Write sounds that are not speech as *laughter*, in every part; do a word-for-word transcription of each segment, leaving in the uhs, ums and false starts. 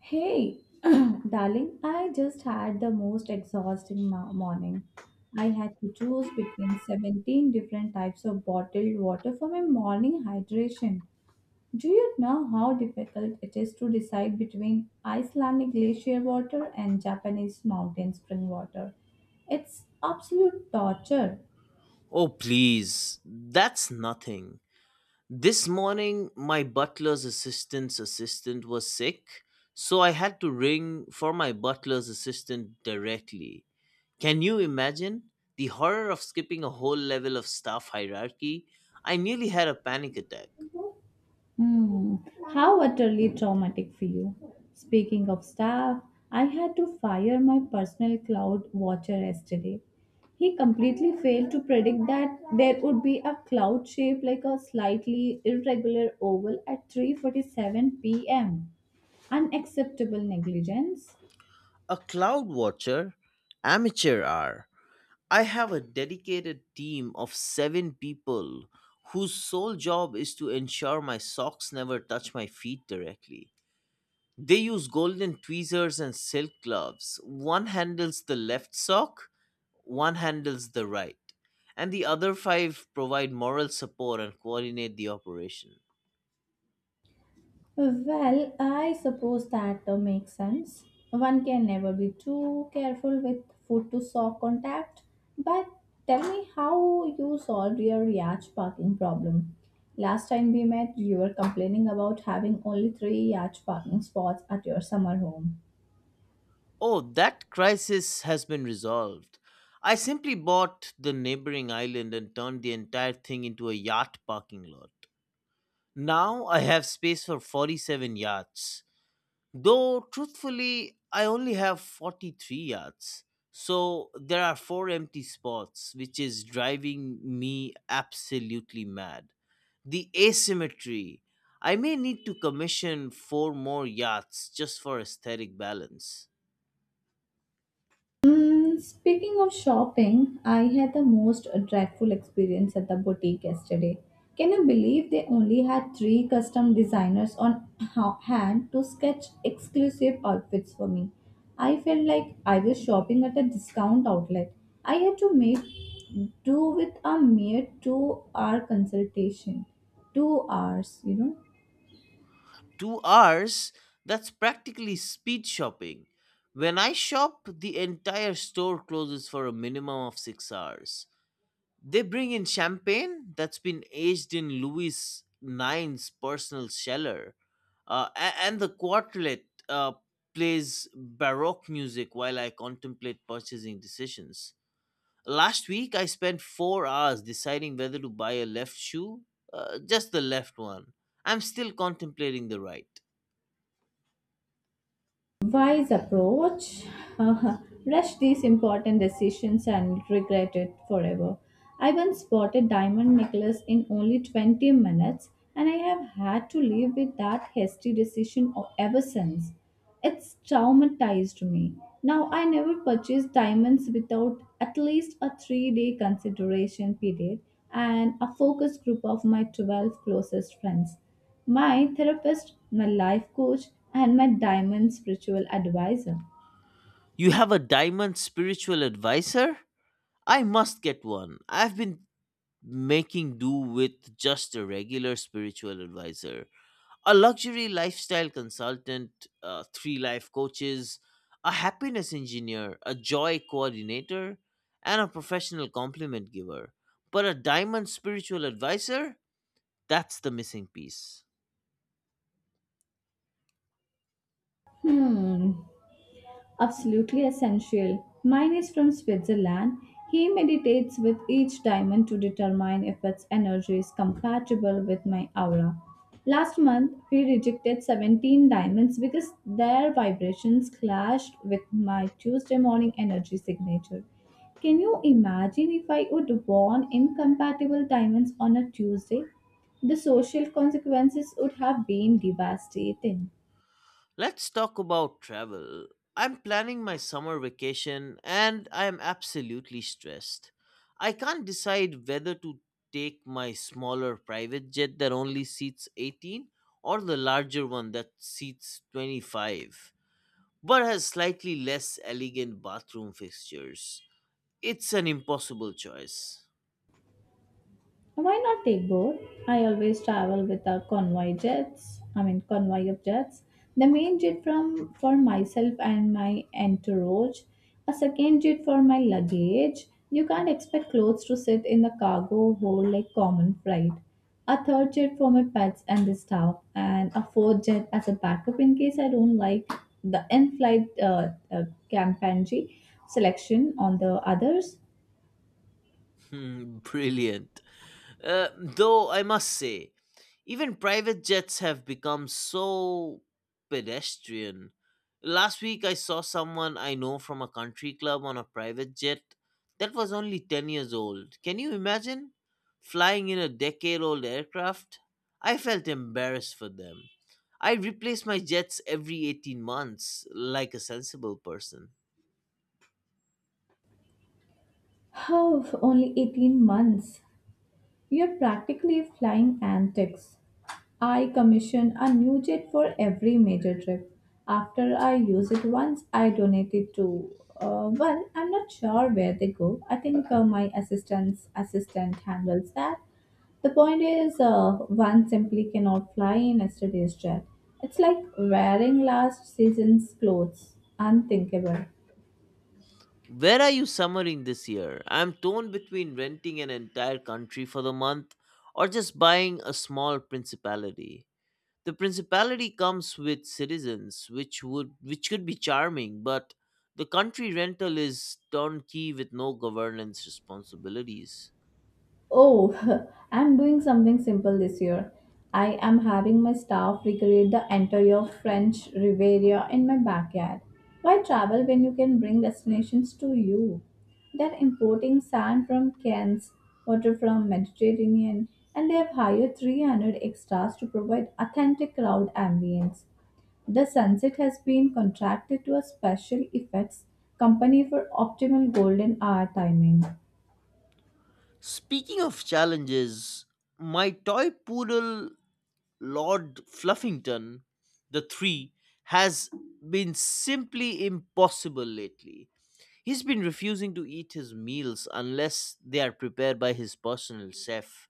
Hey, *clears throat* darling, I just had the most exhausting mo- morning. I had to choose between seventeen different types of bottled water for my morning hydration. Do you know how difficult it is to decide between Icelandic glacier water and Japanese mountain spring water? It's absolute torture. Oh, please, that's nothing. This morning, my butler's assistant's assistant was sick, so I had to ring for my butler's assistant directly. Can you imagine? The horror of skipping a whole level of staff hierarchy. I nearly had a panic attack. Hmm. How utterly traumatic for you. Speaking of staff, I had to fire my personal cloud watcher yesterday. He completely failed to predict that there would be a cloud shaped like a slightly irregular oval at three forty-seven p m. Unacceptable negligence. A cloud watcher? Amateur hour. I have a dedicated team of seven people whose sole job is to ensure my socks never touch my feet directly. They use golden tweezers and silk gloves. One handles the left sock, one handles the right, and the other five provide moral support and coordinate the operation. Well, I suppose that uh, makes sense. One can never be too careful with foot to sock contact. But tell me how you solved your yacht parking problem. Last time we met, you were complaining about having only three yacht parking spots at your summer home. Oh, that crisis has been resolved. I simply bought the neighboring island and turned the entire thing into a yacht parking lot. Now I have space for forty-seven yachts. Though truthfully, I only have forty-three yards. So there are four empty spots, which is driving me absolutely mad. The asymmetry. I may need to commission four more yachts just for aesthetic balance. Mm, speaking of shopping, I had the most dreadful experience at the boutique yesterday. Can you believe they only had three custom designers on ha- hand to sketch exclusive outfits for me? I felt like I was shopping at a discount outlet. I had to make do with a mere two hour consultation. Two hours, you know. Two hours? That's practically speed shopping. When I shop, the entire store closes for a minimum of six hours. They bring in champagne that's been aged in Louis nine's personal cellar, uh, a- and the quartet uh, plays Baroque music while I contemplate purchasing decisions. Last week, I spent four hours deciding whether to buy a left shoe, uh, just the left one. I'm still contemplating the right. Wise approach. Uh, rush these important decisions and regret it forever. I once bought a diamond necklace in only twenty minutes, and I have had to live with that hasty decision o- ever since. It's traumatized me. Now I never purchase diamonds without at least a three day consideration period and a focus group of my twelve closest friends, my therapist, my life coach, and my diamond spiritual advisor. You have a diamond spiritual advisor? I must get one. I've been making do with just a regular spiritual advisor. A luxury lifestyle consultant, uh, three life coaches, a happiness engineer, a joy coordinator, and a professional compliment giver. But a diamond spiritual advisor? That's the missing piece. Hmm, absolutely essential. Mine is from Switzerland. He meditates with each diamond to determine if its energy is compatible with my aura. Last month, he rejected seventeen diamonds because their vibrations clashed with my Tuesday morning energy signature. Can you imagine if I would want incompatible diamonds on a Tuesday? The social consequences would have been devastating. Let's talk about travel. I'm planning my summer vacation and I am absolutely stressed. I can't decide whether to take my smaller private jet that only seats eighteen or the larger one that seats twenty-five, but has slightly less elegant bathroom fixtures. It's an impossible choice. Why not take both? I always travel with a convoy jets. I mean convoy of jets. The main jet from for myself and my entourage. A second jet for my luggage. You can't expect clothes to sit in the cargo hold like common freight. A third jet for my pets and the staff, and a fourth jet as a backup in case I don't like the in-flight uh, uh, campaign selection on the others. Hmm. *laughs* Brilliant. Uh, though I must say, even private jets have become so pedestrian. Last week I saw someone I know from a country club on a private jet that was only ten years old. Can you imagine? Flying in a decade old aircraft? I felt embarrassed for them. I replace my jets every eighteen months like a sensible person. *sighs* Oh, only eighteen months. You're practically flying antics. I commission a new jet for every major trip. After I use it once, I donate it to. Uh, well, I'm not sure where they go. I think uh, my assistant's assistant handles that. The point is, uh, one simply cannot fly in yesterday's jet. It's like wearing last season's clothes. Unthinkable. Where are you summering this year? I'm torn between renting an entire country for the month or just buying a small principality. The principality comes with citizens, which would which could be charming, but the country rental is turnkey with no governance responsibilities. Oh, *laughs* I'm doing something simple this year. I am having my staff recreate the entire French Riviera in my backyard. Why travel when you can bring destinations to you? They're importing sand from Cairns, water from Mediterranean, and they have hired three hundred extras to provide authentic crowd ambience. The sunset has been contracted to a special effects company for optimal golden hour timing. Speaking of challenges, my toy poodle Lord Fluffington, the three, has been simply impossible lately. He's been refusing to eat his meals unless they are prepared by his personal chef,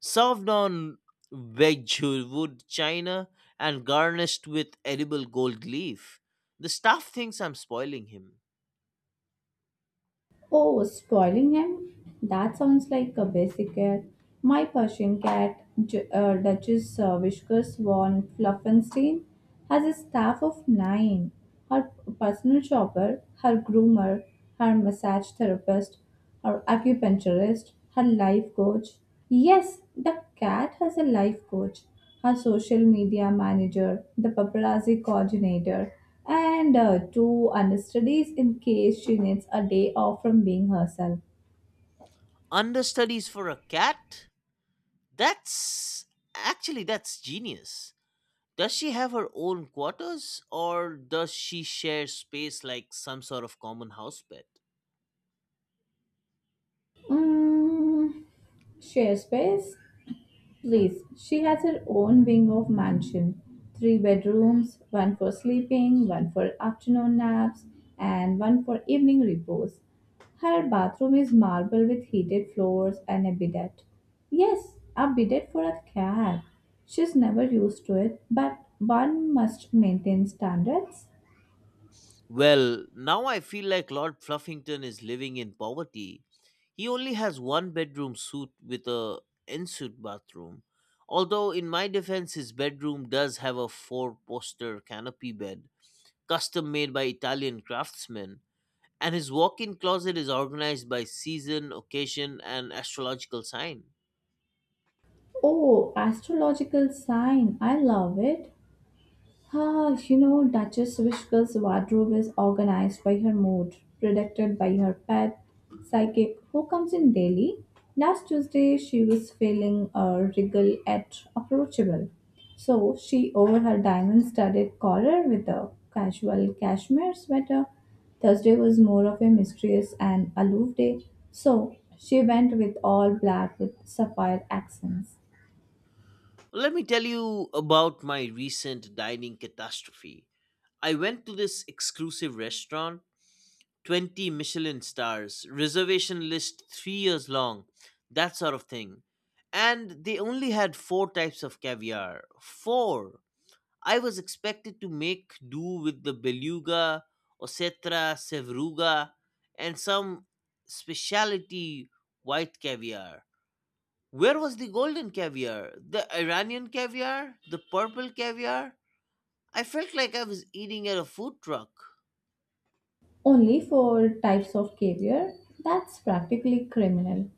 served on Wedgwood china and garnished with edible gold leaf. The staff thinks I'm spoiling him. Oh, spoiling him? That sounds like a basic cat. My Persian cat, Ju- uh, Duchess uh, Whiskers von Fluffenstein, has a staff of nine. Her personal shopper, her groomer, her massage therapist, her acupuncturist, her life coach. Yes, the cat has a life coach, her social media manager, the paparazzi coordinator, and uh, two understudies in case she needs a day off from being herself. Understudies for a cat? That's actually that's genius. Does she have her own quarters or does she share space like some sort of common house pet? Mm, share space? Please, she has her own wing of mansion. Three bedrooms, one for sleeping, one for afternoon naps, and one for evening repose. Her bathroom is marble with heated floors and a bidet. Yes, a bidet for a cat. She's never used to it, but one must maintain standards. Well, now I feel like Lord Fluffington is living in poverty. He only has one bedroom suite with a ensuite bathroom. Although in my defense his bedroom does have a four-poster canopy bed, custom made by Italian craftsmen, and his walk-in closet is organized by season, occasion, and astrological sign. Oh, astrological sign. I love it. Ah, you know, Duchess Wishka's wardrobe is organized by her mood, predicted by her pet psychic who comes in daily. Last Tuesday, she was feeling uh, regal yet approachable. So she over her diamond studded collar with a casual cashmere sweater. Thursday was more of a mysterious and aloof day. So she went with all black with sapphire accents. Let me tell you about my recent dining catastrophe. I went to this exclusive restaurant, twenty Michelin stars, reservation list three years long, that sort of thing. And they only had four types of caviar. Four! I was expected to make do with the beluga, ossetra, sevruga, and some specialty white caviar. Where was the golden caviar? The Iranian caviar? The purple caviar? I felt like I was eating at a food truck. Only four types of caviar? That's practically criminal.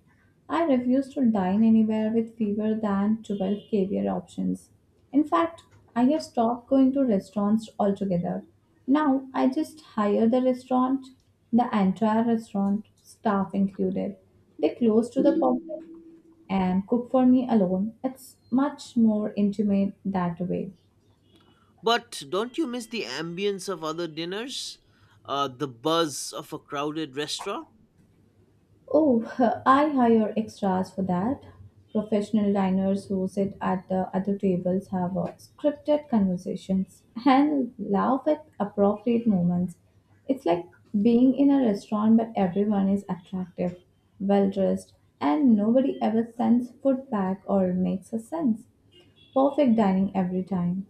I refuse to dine anywhere with fewer than twelve caviar options. In fact, I have stopped going to restaurants altogether. Now I just hire the restaurant, the entire restaurant, staff included. They close to the public and cook for me alone. It's much more intimate that way. But don't you miss the ambience of other dinners? Uh, the buzz of a crowded restaurant? Oh, *laughs* I hire extras for that. Professional diners who sit at the other tables have uh, scripted conversations and laugh at appropriate moments. It's like being in a restaurant, but everyone is attractive, well dressed, and nobody ever sends food back or makes a sense. Perfect dining every time.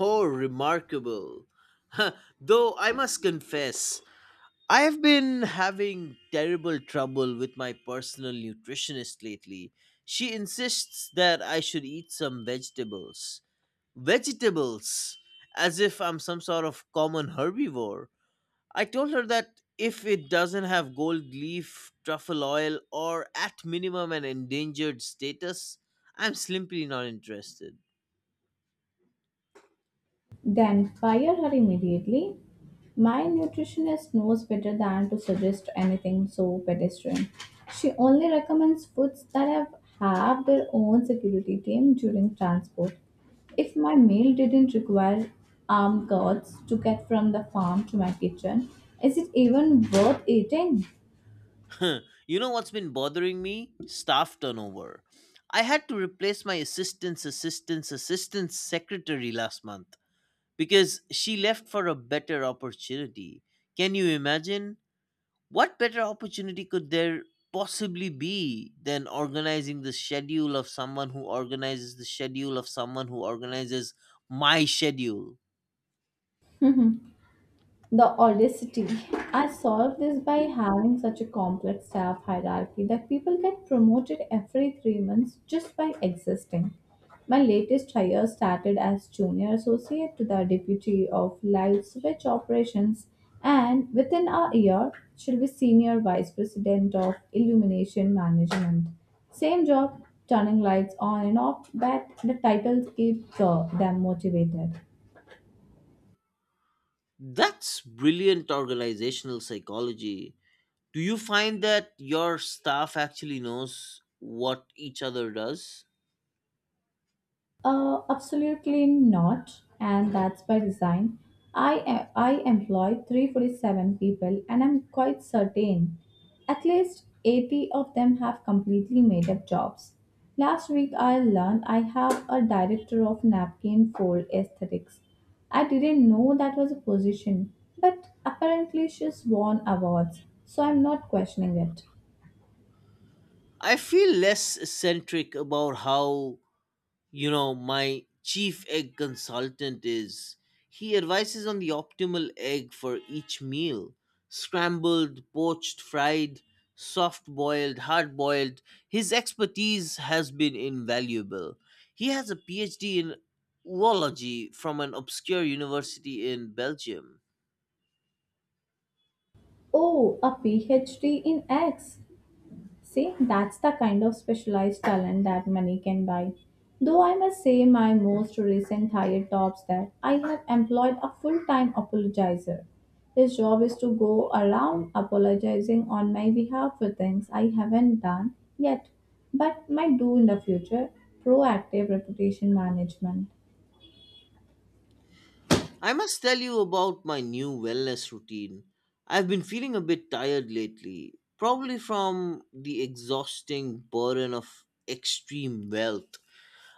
Oh, remarkable. *laughs* Huh. Though I must confess, I have been having terrible trouble with my personal nutritionist lately. She insists that I should eat some vegetables. Vegetables! As if I'm some sort of common herbivore. I told her that if it doesn't have gold leaf, truffle oil, or at minimum an endangered status, I'm simply not interested. *laughs* Then fire her immediately. My nutritionist knows better than to suggest anything so pedestrian. She only recommends foods that have, have their own security team during transport. If my meal didn't require armed guards to get from the farm to my kitchen, is it even worth eating? Huh. You know what's been bothering me? Staff turnover. I had to replace my assistant's assistant's assistant's secretary last month because she left for a better opportunity. Can you imagine? What better opportunity could there possibly be than organizing the schedule of someone who organizes the schedule of someone who organizes my schedule? The audacity. I solved this by having such a complex staff hierarchy that people get promoted every three months just by existing. My latest hire started as junior associate to the deputy of live switch operations, and within a year, she'll be senior vice president of illumination management. Same job, turning lights on and off, but the titles keep uh, them motivated. That's brilliant organizational psychology. Do you find that your staff actually knows what each other does? Uh, absolutely not, and that's by design. I, I employ three hundred forty-seven people, and I'm quite certain at least eighty of them have completely made up jobs. Last week, I learned I have a director of napkin fold aesthetics. I didn't know that was a position, but apparently she's won awards, so I'm not questioning it. I feel less eccentric about how, You know, my chief egg consultant is. He advises on the optimal egg for each meal: scrambled, poached, fried, soft boiled, hard boiled. His expertise has been invaluable. He has a PhD in oology from an obscure university in Belgium. Oh, a PhD in X. See, that's the kind of specialized talent that money can buy. Though I must say, my most recent hire tops that I have employed a full time apologizer. His job is to go around apologizing on my behalf for things I haven't done yet, but might do in the future. Proactive reputation management. I must tell you about my new wellness routine. I've been feeling a bit tired lately, probably from the exhausting burden of extreme wealth.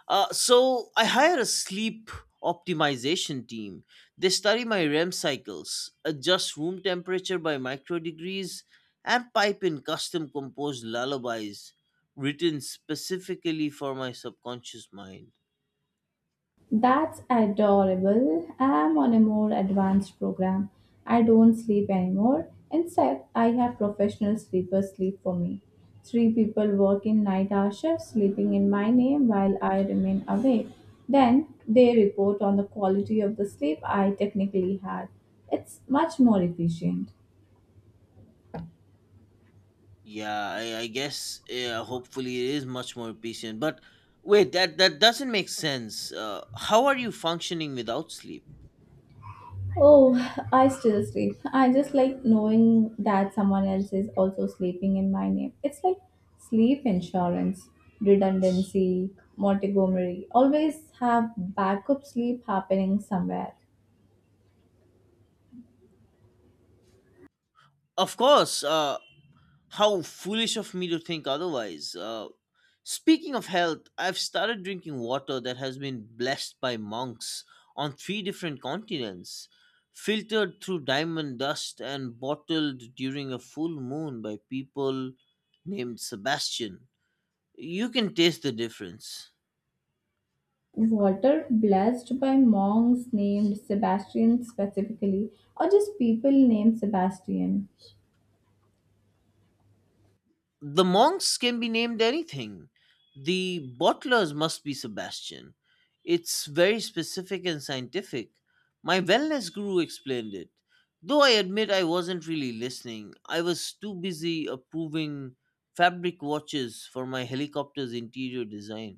Uh, so I hire a sleep optimization team. They study my REM cycles, adjust room temperature by micro degrees, and pipe in custom composed lullabies written specifically for my subconscious mind. That's adorable. I'm on a more advanced program. I don't sleep anymore. Instead, I have professional sleepers sleep for me. Three people work in night hour shifts, sleeping in my name while I remain awake. Then they report on the quality of the sleep I technically had. It's much more efficient. Yeah, I, I guess, yeah, hopefully it is much more efficient. But wait, that that doesn't make sense. Uh, how are you functioning without sleep? Oh, I still sleep. I just like knowing that someone else is also sleeping in my name. It's like sleep insurance, redundancy, Montgomery. Always have backup sleep happening somewhere. Of course. Uh, how foolish of me to think otherwise. Uh, speaking of health, I've started drinking water that has been blessed by monks on three different continents, filtered through diamond dust and bottled during a full moon by people named Sebastian. You can taste the difference. Water blessed by monks named Sebastian specifically, or just people named Sebastian. The monks can be named anything. The butlers must be Sebastian. It's very specific and scientific. My wellness guru explained it. Though I admit I wasn't really listening, I was too busy approving fabric watches for my helicopter's interior design.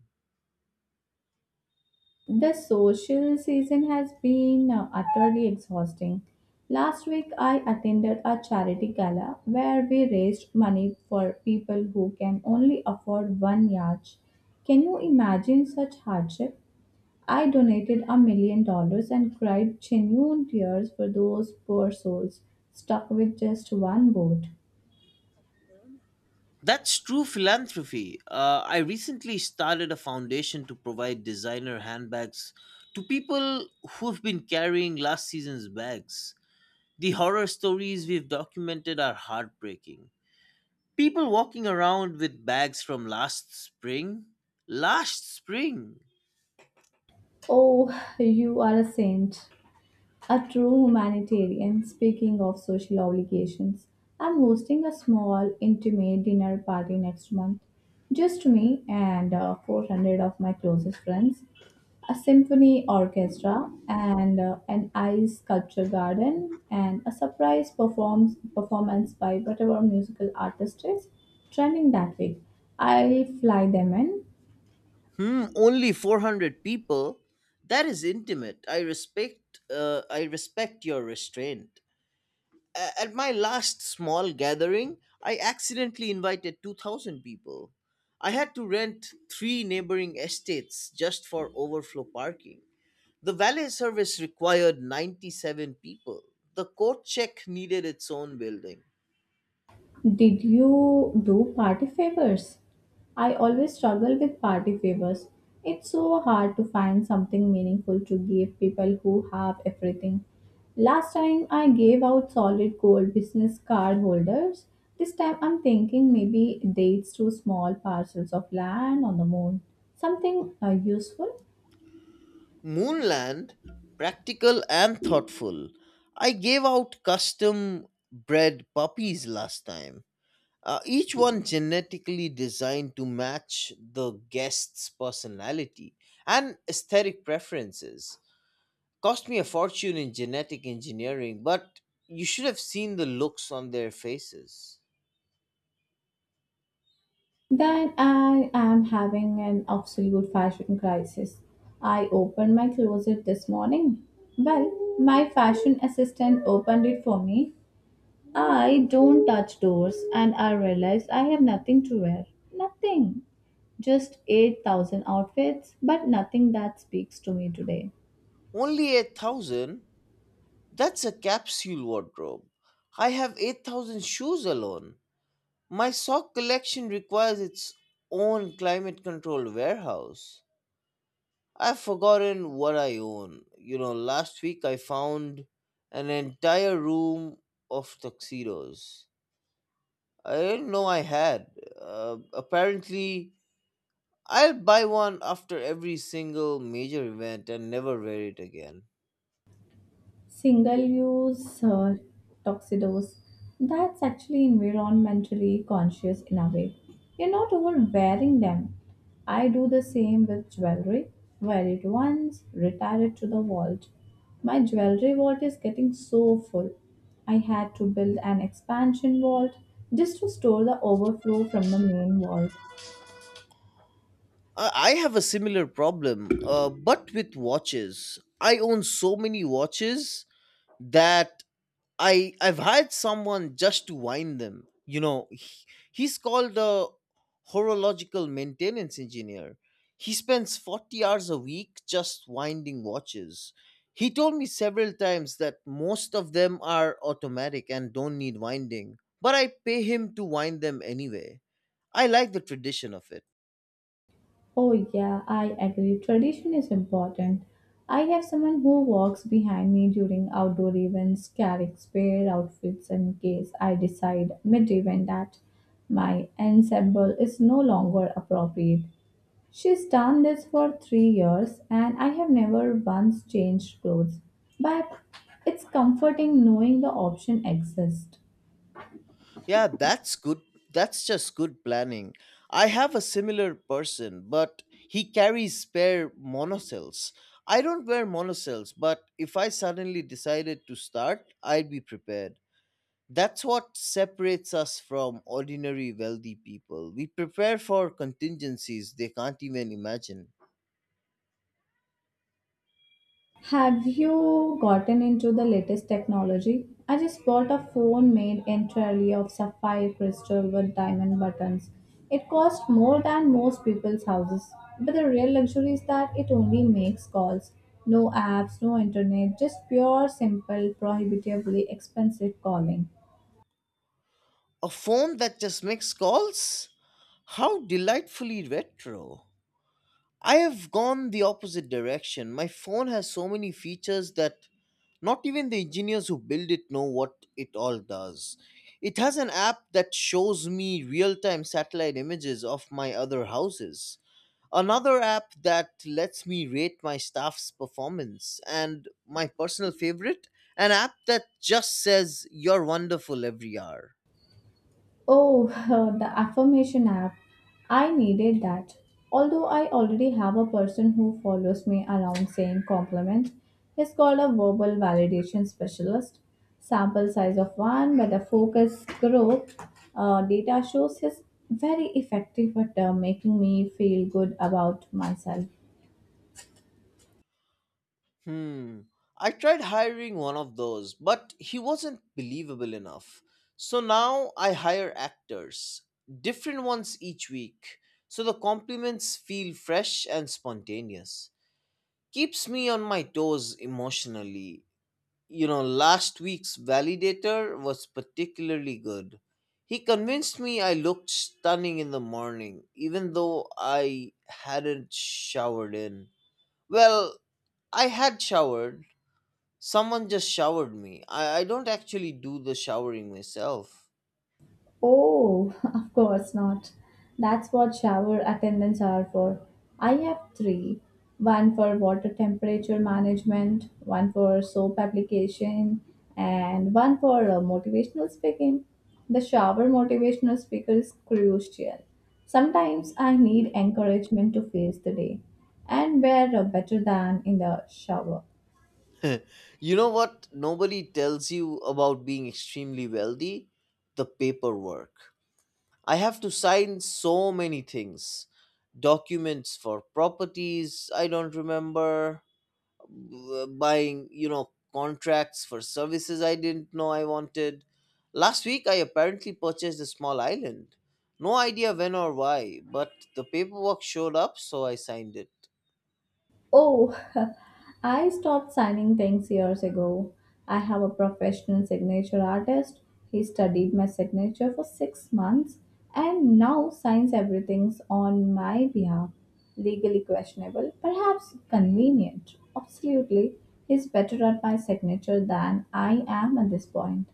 The social season has been uh, utterly exhausting. Last week, I attended a charity gala where we raised money for people who can only afford one yacht. Can you imagine such hardship? I donated a million dollars and cried genuine tears for those poor souls stuck with just one boat. That's true philanthropy. Uh, I recently started a foundation to provide designer handbags to people who've been carrying last season's bags. The horror stories we've documented are heartbreaking. People walking around with bags from last spring? Last spring? Oh, you are a saint. A true humanitarian, speaking of social obligations, I'm hosting a small, intimate dinner party next month. Just me and uh, four hundred of my closest friends, a symphony orchestra, and uh, an ice sculpture garden, and a surprise performs, performance by whatever musical artist is trending that week. I'll fly them in. Hmm, only four hundred people? That is intimate. I respect, uh, I respect your restraint. A- At my last small gathering, I accidentally invited two thousand people. I had to rent three neighboring estates just for overflow parking. The valet service required ninety-seven people. The coat check needed its own building. Did you do party favors? I always struggle with party favors. It's so hard to find something meaningful to give people who have everything. Last time I gave out solid gold business card holders. This time I'm thinking maybe dates to small parcels of land on the moon. Something uh, useful? Moonland, practical and thoughtful. I gave out custom bred puppies last time, uh, each one genetically designed to match the guest's personality and aesthetic preferences. Cost me a fortune in genetic engineering, but you should have seen the looks on their faces. that I am having an absolute fashion crisis. I opened my closet this morning. Well, my fashion assistant opened it for me. I don't touch doors and I realized I have nothing to wear. Nothing. Just eight thousand outfits, but nothing that speaks to me today. Only eight thousand? That's a capsule wardrobe. I have eight thousand shoes alone. My sock collection requires its own climate controlled warehouse. I've forgotten what I own. You know, last week I found an entire room of tuxedos I didn't know I had. Uh, apparently, I'll buy one after every single major event and never wear it again. Single use uh, tuxedos, that's actually environmentally conscious in a way. You're not overwearing them. I do the same with jewelry. Wear it once, retire it to the vault. My jewelry vault is getting so full. I had to build an expansion vault just to store the overflow from the main vault. Uh, I have a similar problem, uh, but with watches. I own so many watches that I I've hired someone just to wind them. You know, he- he's called a horological maintenance engineer. He spends forty hours a week just winding watches. He told me several times that most of them are automatic and don't need winding, but I pay him to wind them anyway. I like the tradition of it. Oh, yeah, I agree. Tradition is important. I have someone who walks behind me during outdoor events, carrying spare outfits in case I decide mid event that my ensemble is no longer appropriate. She's done this for three years, and I have never once changed clothes. But it's comforting knowing the option exists. Yeah, that's good. That's just good planning. I have a similar person, but he carries spare monocells. I don't wear monocells, but if I suddenly decided to start, I'd be prepared. That's what separates us from ordinary wealthy people. We prepare for contingencies they can't even imagine. Have you gotten into the latest technology? I just bought a phone made entirely of sapphire crystal with diamond buttons. It cost more than most people's houses, but the real luxury is that it only makes calls. No apps, no internet, just pure, simple, prohibitively expensive calling. A phone that just makes calls? How delightfully retro. I have gone the opposite direction. My phone has so many features that not even the engineers who build it know what it all does. It has an app that shows me real time satellite images of my other houses, another app that lets me rate my staff's performance, and my personal favorite, an app that just says, "You're wonderful," every hour. Oh, *laughs* the affirmation app. I needed that. Although I already have a person who follows me around saying compliments. He's called a verbal validation specialist. Sample size of one, but the focus group uh, data shows he's very effective at uh, making me feel good about myself. Hmm. I tried hiring one of those, but he wasn't believable enough. So now I hire actors, different ones each week, so the compliments feel fresh and spontaneous. Keeps me on my toes emotionally. You know, last week's validator was particularly good. He convinced me I looked stunning in the morning, even though I hadn't showered in. Well, I had showered. Someone just showered me. I, I don't actually do the showering myself. Oh, *laughs* of course not. That's what shower attendants are for. I have three, one for water temperature management, one for soap application, and one for uh, motivational speaking. The shower motivational speaker is crucial. Sometimes I need encouragement to face the day, and we're uh, better than in the shower. *laughs* You know what? Nobody tells you about being extremely wealthy? The paperwork. I have to sign so many things, documents for properties I don't remember, w- buying you know contracts for services I didn't know I wanted. Last week I apparently purchased a small island, no idea when or why, but the paperwork showed up, so I signed it. Oh, *laughs* I stopped signing things years ago. I have a professional signature artist. He studied my signature for six months and now signs everything on my behalf. Legally questionable, perhaps convenient. Absolutely, he's better at my signature than I am at this point.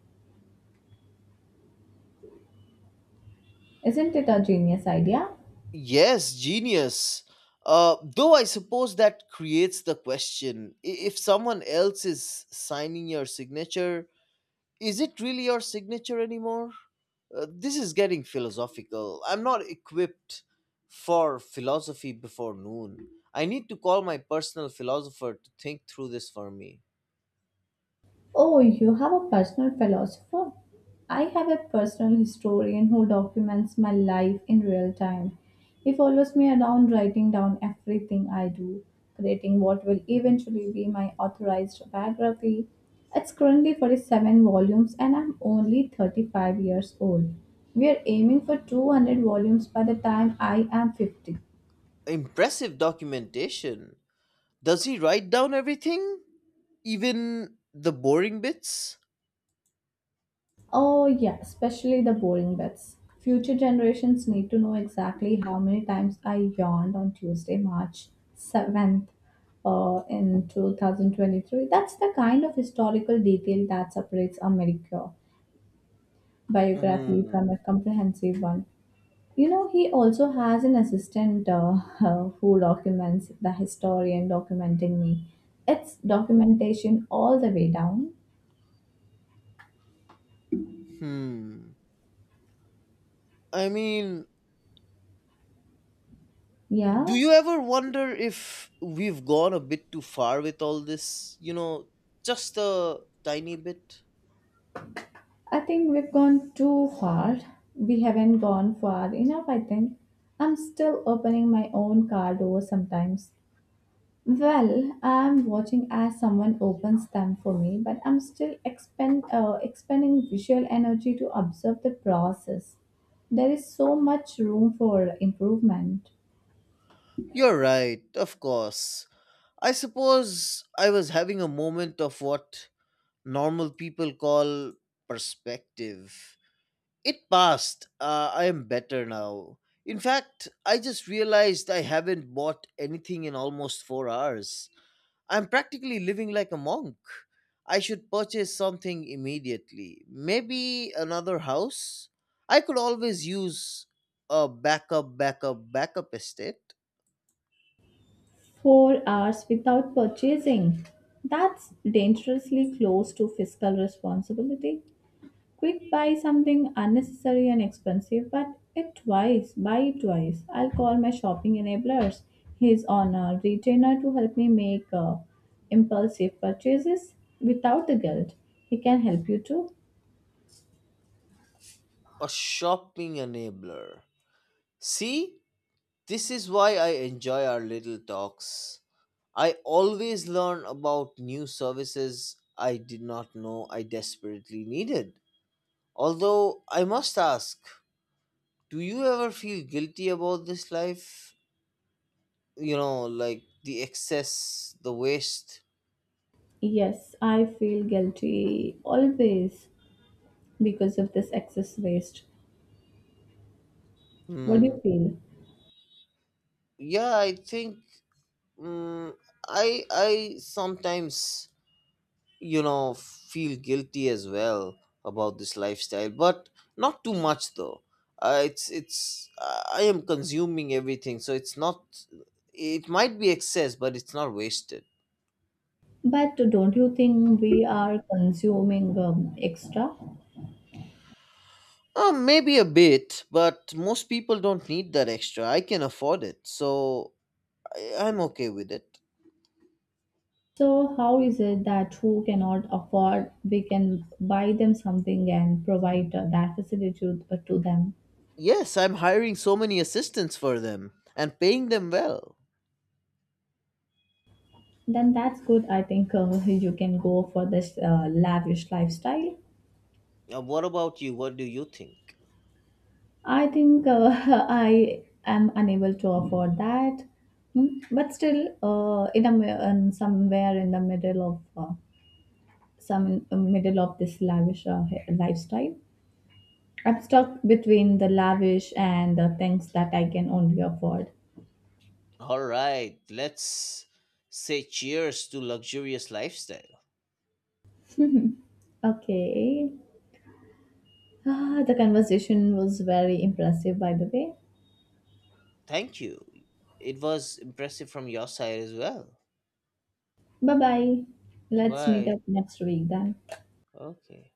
Isn't it a genius idea? Yes, genius. Uh, though I suppose that creates the question, I- if someone else is signing your signature, is it really your signature anymore? Uh, this is getting philosophical. I'm not equipped for philosophy before noon. I need to call my personal philosopher to think through this for me. Oh, you have a personal philosopher? I have a personal historian who documents my life in real time. He follows me around, writing down everything I do, creating what will eventually be my authorized biography. It's currently forty-seven volumes and I'm only thirty-five years old. We are aiming for two hundred volumes by the time I am fifty. Impressive documentation. Does he write down everything? Even the boring bits? Oh, yeah, especially the boring bits. Future generations need to know exactly how many times I yawned on Tuesday, March seventh, uh, in two thousand twenty-three. That's the kind of historical detail that separates a mediocre biography Hmm. from a comprehensive one. You know, he also has an assistant uh, *laughs* who documents the historian documenting me. It's documentation all the way down. Hmm. I mean, do Yeah, you ever wonder if we've gone a bit too far with all this? You know, just a tiny bit? I think we've gone too far. We haven't gone far enough, I think. I'm still opening my own car doors sometimes. Well, I'm watching as someone opens them for me, but I'm still expend, uh, expending visual energy to observe the process. There is so much room for improvement. You're right, of course. I suppose I was having a moment of what normal people call perspective. It passed. Uh, I am better now. In fact, I just realized I haven't bought anything in almost four hours. I'm practically living like a monk. I should purchase something immediately. Maybe another house? I could always use a backup, backup, backup estate. Four hours without purchasing. That's dangerously close to fiscal responsibility. Quick buy something unnecessary and expensive, but it twice, buy it twice. I'll call my shopping enablers. He's on a retainer to help me make uh, impulsive purchases without the guilt. He can help you too. A shopping enabler. See, this is why I enjoy our little talks. I always learn about new services I did not know I desperately needed. Although, I must ask, do you ever feel guilty about this life? You know, like the excess, the waste? Yes, I feel guilty always because of this excess waste. What do Hmm. you feel? Yeah, I think, mm, I I sometimes, you know feel guilty as well about this lifestyle, but not too much, though. Uh, it's it's uh, I am consuming everything, so it's not, it might be excess, but it's not wasted. But don't you think we are consuming um, extra? Uh, maybe a bit, but most people don't need that extra. I can afford it, so I, i'm okay with it. So, how is it that who cannot afford, we can buy them something and provide uh, that facility to, uh, to them? Yes, I'm hiring so many assistants for them and paying them well. Then that's good. I think uh, you can go for this uh, lavish lifestyle. Uh, what about you, what do you think? I think uh, *laughs* I am unable to afford that, Hmm. but still, uh, in a mi- in somewhere in the middle of uh, some uh, middle of this lavish uh, lifestyle, I'm stuck between the lavish and the things that I can only afford. All right, let's say cheers to luxurious lifestyle. Okay. Ah, the conversation was very impressive, by the way. Thank you. It was impressive from your side as well. Bye bye. Let's meet Why? up next week then. Okay.